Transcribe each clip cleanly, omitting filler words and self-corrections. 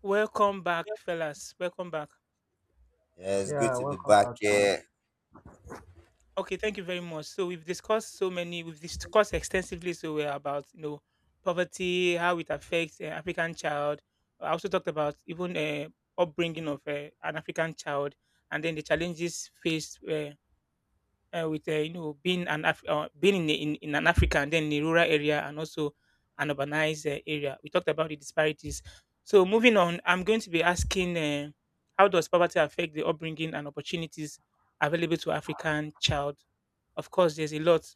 Welcome back, fellas. Welcome back. Yeah, it's good Yeah, to be welcome back back to. here. Okay, thank you very much. So we've discussed extensively. So we're about poverty, how it affects an African child. I also talked about even upbringing of an African child, and then the challenges faced. With you know Being being in in an Africa, and then in a rural area, and also an urbanized area. We talked about the disparities. So moving on, I'm going to be asking, how does poverty affect the upbringing and opportunities available to African child? Of course, there's a lot.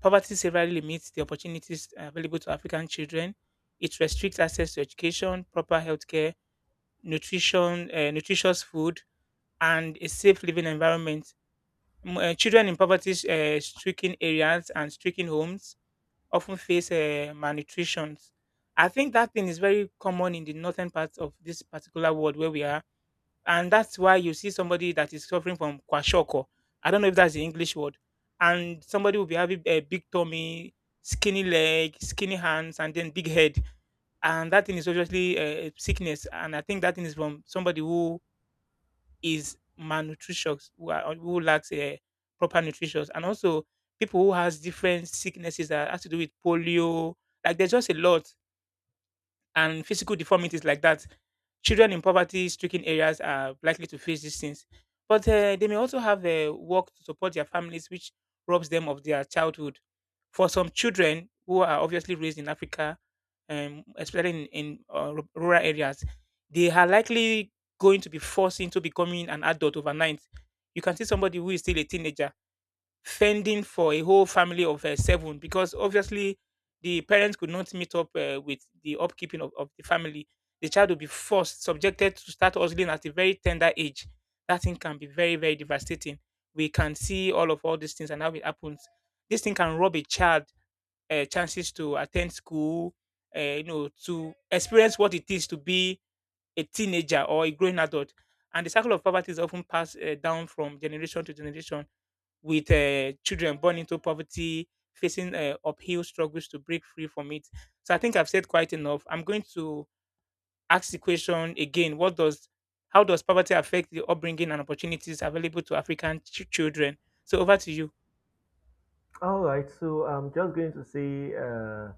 Poverty severely limits the opportunities available to African children. It restricts access to education, proper healthcare, nutrition, nutritious food, and a safe living environment. Children in poverty stricken areas and stricken homes often face malnutrition. I think that thing is very common in the northern part of this particular world where we are. And that's why you see somebody that is suffering from kwashoko. I don't know if that's the English word. And somebody will be having a big tummy, skinny leg, skinny hands, and then big head, and that thing is obviously a sickness, and I think that thing is from somebody who is malnutritious, who, who lacks proper nutrition, and also people who has different sicknesses that has to do with polio. Like there's just a lot, and physical deformities like that. Children in poverty-stricken areas are likely to face these things, but they may also have work to support their families, which robs them of their childhood. For some children who are obviously raised in Africa, especially in rural areas, they are likely going to be forced into becoming an adult overnight. You can see somebody who is still a teenager fending for a whole family of seven, because obviously the parents could not meet up with the upkeeping of the family. The child will be forced, subjected to start hustling at a very tender age. That thing can be very, very devastating. We can see all these things and how it happens. This thing can rob a child chances to attend school, to experience what it is to be a teenager or a growing adult. And the cycle of poverty is often passed down from generation to generation, with children born into poverty facing uphill struggles to break free from it. So I think I've said quite enough. I'm going to ask the question again: What does how does poverty affect the upbringing and opportunities available to African children? So over to you. All right, so I'm just going to say, uh,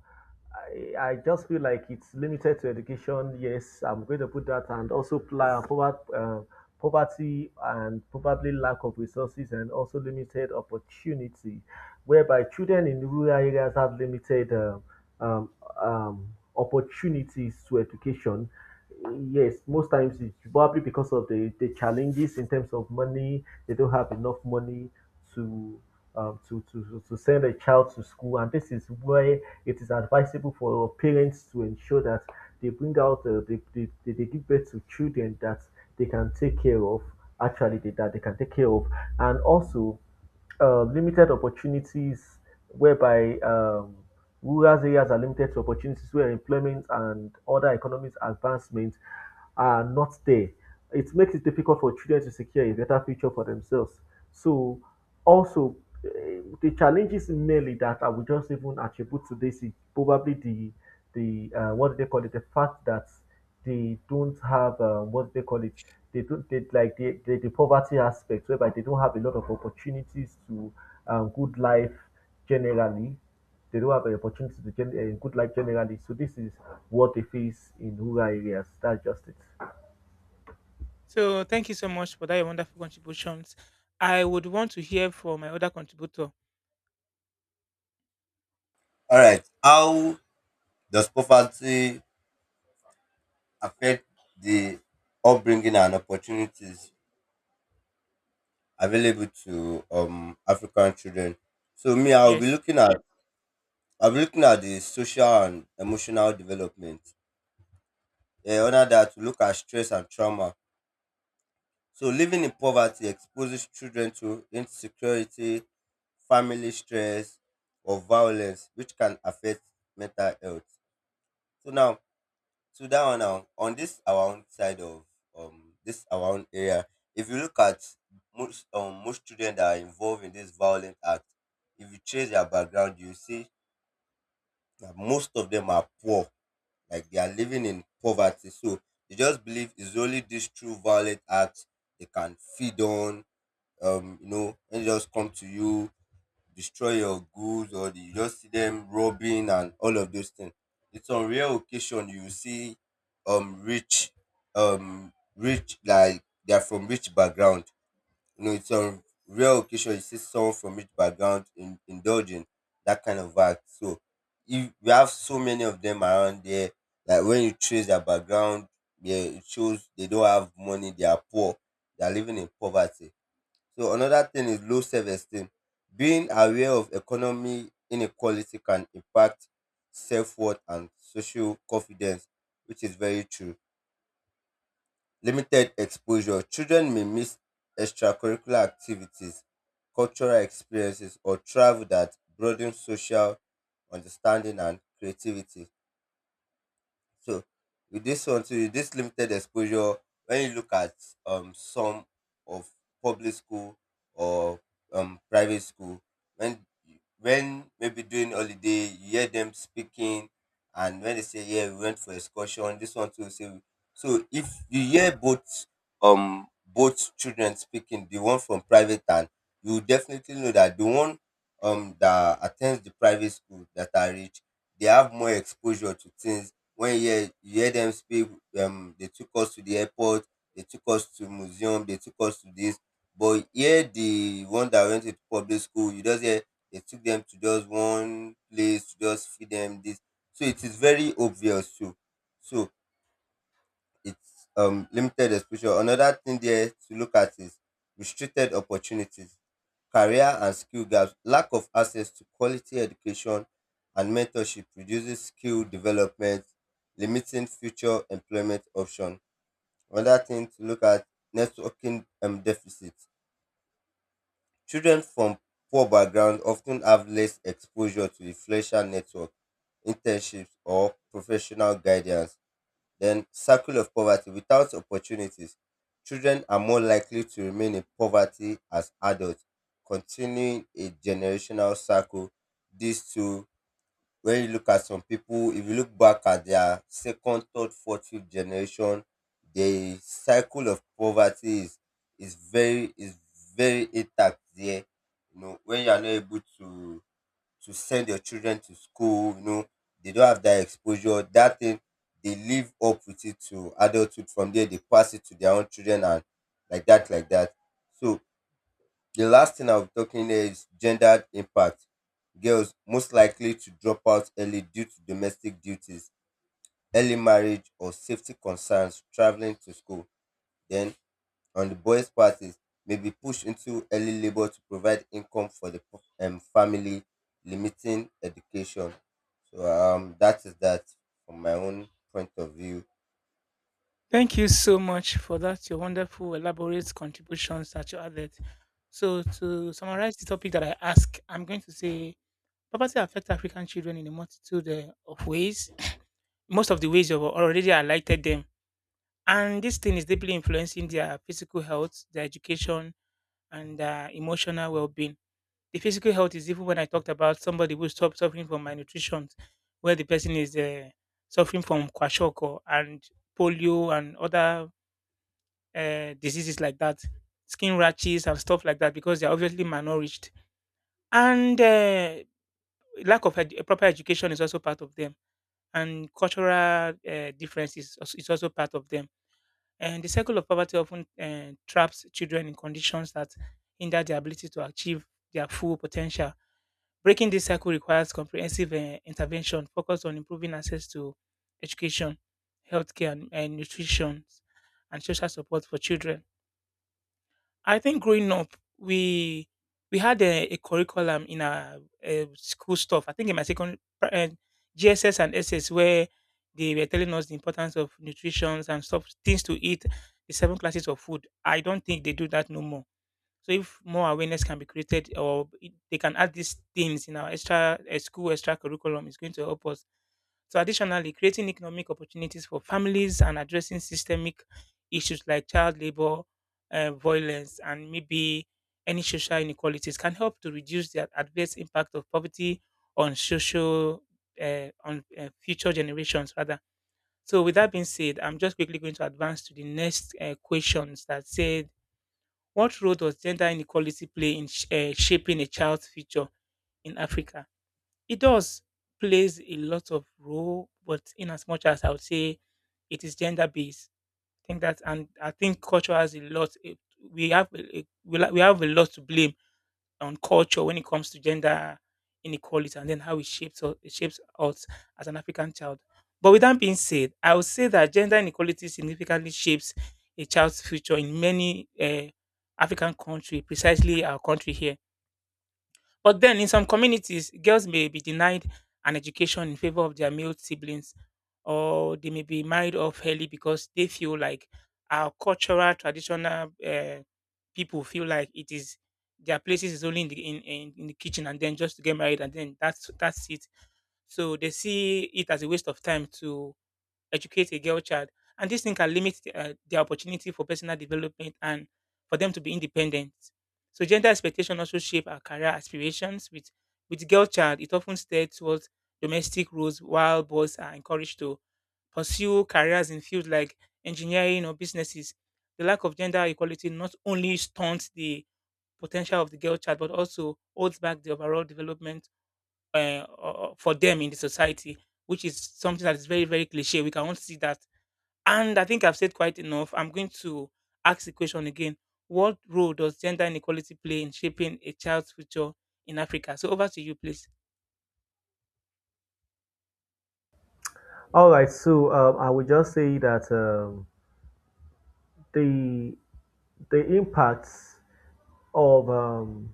I, I just feel like it's limited to education. Yes, I'm going to put that, and also poverty and probably lack of resources, and also limited opportunity, whereby children in rural areas have limited um, um, opportunities to education. Yes, most times it's probably because of the challenges in terms of money. They don't have enough money to to send a child to school. And this is where it is advisable for parents to ensure that they bring out, they give birth to children that they can take care of, actually, that they can take care of. And also, limited opportunities whereby rural areas are limited to opportunities where employment and other economic advancements are not there. It makes it difficult for children to secure a better future for themselves. So, also, the challenges mainly that I would just even attribute to this is probably the what do they call it? The fact that they don't have what do they call it? They don't they, like the, the poverty aspect whereby they don't have a lot of opportunities to good life generally. They don't have an opportunity to good life generally. So this is what they face in rural areas. That's just it. So thank you so much for that your wonderful contributions. I would want to hear from my other contributor. All right. How does poverty affect the upbringing and opportunities available to African children? So me, Yes. I'll be looking at the social and emotional development. Yeah, under that, we look at stress and trauma. So living in poverty exposes children to insecurity, family stress, or violence, which can affect mental health. So now So that one now, on this our own side of this our own area, if you look at most children that are involved in this violent act, if you trace their background, you see that most of them are poor, like they are living in poverty. So they just believe it's only these true violent acts they can feed on. You know, and just come to you, destroy your goods, or you just see them robbing and all of those things. It's on rare occasion you see um rich rich, like they're from rich background. You know, it's on rare occasion you see someone from rich background indulging that kind of act. So if we have so many of them around there, like when you trace their background, yeah, it shows they don't have money, they are poor, they are living in poverty. So another thing is low self-esteem. Being aware of economy inequality can impact self-worth and social confidence, which is very true. Limited exposure. Children may miss extracurricular activities, cultural experiences, or travel that broaden social understanding and creativity. So with this one, so with this limited exposure, when you look at some of public school or private school, when when maybe during holiday you hear them speaking, and when they say yeah we went for excursion, this one too say, so if you hear both both children speaking, the one from private, and you will definitely know that the one that attends the private school that are rich, they have more exposure to things. When you hear them speak, they took us to the airport, they took us to museum, they took us to this, but here the one that went to public school, you just hear they took them to just one place to just feed them this. So it is very obvious too. So it's limited exposure. Another thing there to look at is restricted opportunities. Career and skill gaps. Lack of access to quality education and mentorship reduces skill development, limiting future employment options. Another thing to look at: networking deficits. Children from poor backgrounds often have less exposure to the influential network, internships, or professional guidance. Then circle of poverty. Without opportunities, children are more likely to remain in poverty as adults, continuing a generational cycle. These two, when you look at some people, if you look back at their second, third, fourth, fifth generation, the cycle of poverty is is very is very intact there. You know, when you are not able to send your children to school, you know, they don't have that exposure, that thing, they live up with it to adulthood. From there, they pass it to their own children and like that, like that. So the last thing I'll be talking here is gendered impact. Girls most likely to drop out early due to domestic duties, early marriage, or safety concerns, traveling to school. Then on the boys' parties, may be pushed into early labor to provide income for the family, limiting education. So that is that from my own point of view. Thank you so much for that your wonderful elaborate contributions that you added. So to summarize the topic that I asked, I'm going to say poverty affects African children in a multitude of ways. Most of the ways you've already highlighted them. And this thing is deeply influencing their physical health, their education, and their emotional well being. The physical health is even when I talked about somebody who stopped suffering from malnutrition, where the person is suffering from kwashiorkor and polio and other diseases like that, skin rashes and stuff like that, because they're obviously malnourished. And lack proper education is also part of them, and cultural differences is also part of them. And the cycle of poverty often traps children in conditions that hinder their ability to achieve their full potential. Breaking this cycle requires comprehensive intervention focused on improving access to education, healthcare, and nutrition and social support for children. I think growing up, we we had a curriculum in our school stuff. I think in my second GSS and SS, where they were telling us the importance of nutrition and stuff, things to eat, the seven classes of food. I don't think they do that no more. So if more awareness can be created, they can add these things in our extra school extra curriculum, is going to help us. So additionally, creating economic opportunities for families and addressing systemic issues like child labor, violence, and maybe any social inequalities can help to reduce the adverse impact of poverty on social on future generations rather. So with that being said, I'm just quickly going to advance to the next questions that say what role does gender inequality play in shaping a child's future in Africa? It does plays a lot of role, but in as much as I would say it is gender based, I think that, and I think culture has a lot. We have we have a lot to blame on culture when it comes to gender inequality, and then how it shapes us as an African child. But with that being said, I would say that gender inequality significantly shapes a child's future in many African countries, precisely our country here. But then, in some communities, girls may be denied an education in favor of their male siblings, or they may be married off early because they feel like our cultural, traditional people feel like it is their places is only in the in the kitchen, and then just to get married, and then that's it. So they see it as a waste of time to educate a girl child. And this thing can limit the opportunity for personal development and for them to be independent. So gender expectation also shape our career aspirations. With girl child, it often steers towards domestic roles, while boys are encouraged to pursue careers in fields like engineering or businesses. The lack of gender equality not only stunts the potential of the girl child, but also holds back the overall development for them in the society, which is something that is very, very cliche. We cannot see that. And I think I've said quite enough. I'm going to ask the question again. What role does gender inequality play in shaping a child's future in Africa? So over to you, please. All right. I will just say that. The impacts of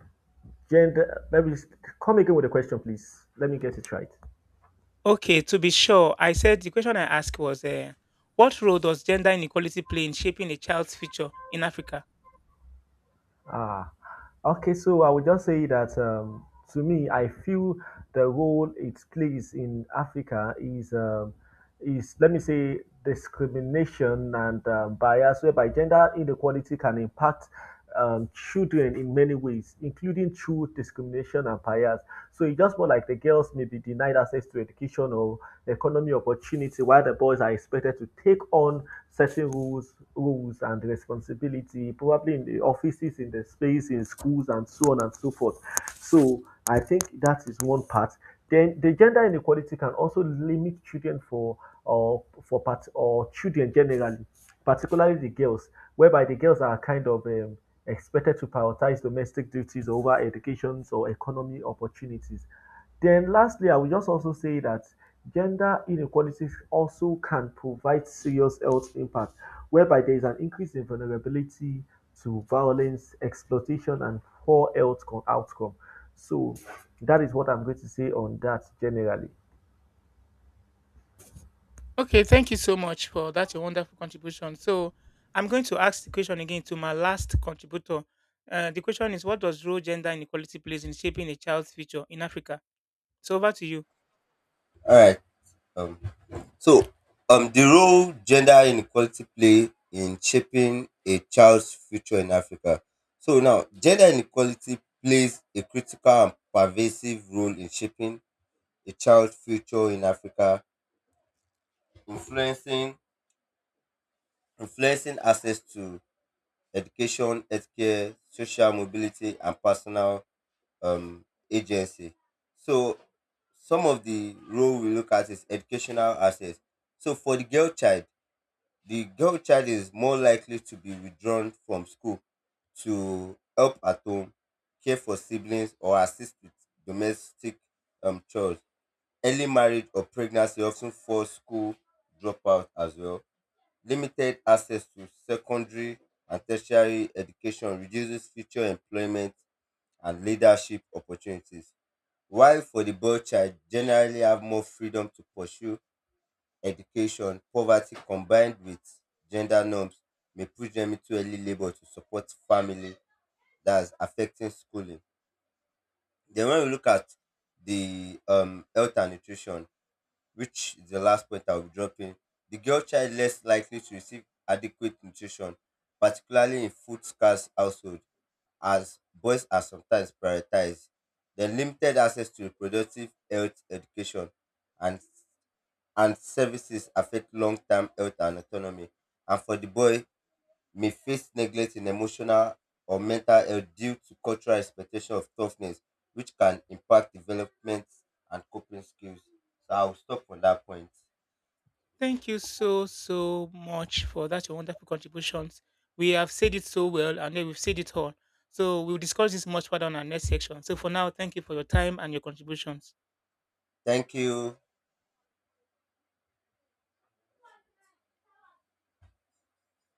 gender. Let me come again with the question, please. Let me get it right. Okay, to be sure, I said the question I asked was what role does gender inequality play in shaping a child's future in Africa? Ah, okay. So I would just say that, to me, I feel the role it plays in Africa is, let me say, discrimination and bias, whereby gender inequality can impact children in many ways, including through discrimination and bias. So it's just more like the girls may be denied access to education or know, economy opportunity, while the boys are expected to take on certain rules and responsibility, probably in the offices, in the space, in schools, and so on and so forth. So I think that is one part. Then the gender inequality can also limit children for or for part or children generally, particularly the girls, whereby the girls are kind of expected to prioritize domestic duties over educations or economy opportunities. Then lastly, I will just also say that gender inequalities also can provide serious health impact, whereby there is an increase in vulnerability to violence, exploitation, and poor outcome. So that is what I'm going to say on that generally. Okay, thank you so much for that your wonderful contribution. So I'm going to ask the question again to my last contributor. The question is what does role gender inequality plays in shaping a child's future in Africa? So over to you. All right. Um, so the role gender inequality play in shaping a child's future in Africa. So now, gender inequality plays a critical and pervasive role in shaping a child's future in Africa, influencing influencing access to education, healthcare, social mobility, and personal um, agency. So, some of the role we look at is educational access. So, for the girl child is more likely to be withdrawn from school to help at home, care for siblings, or assist with domestic chores. Early marriage or pregnancy often force school dropout as well. Limited access to secondary and tertiary education reduces future employment and leadership opportunities. While for the boy child, generally have more freedom to pursue education, poverty combined with gender norms may push them into early labor to support family, that's affecting schooling. Then when we look at the health and nutrition, which is the last point I'll be dropping. The girl child less likely to receive adequate nutrition, particularly in food scarce household, as boys are sometimes prioritized. Then limited access to reproductive health education and and services affect long-term health and autonomy. And for the boy, may face neglect in emotional or mental health due to cultural expectation of toughness, which can impact development and coping skills. So I'll stop on that point. Thank you so, so much for that, your wonderful contributions. We have said it so well, and then we've said it all. So we'll discuss this much further on our next section. So for now, thank you for your time and your contributions. Thank you.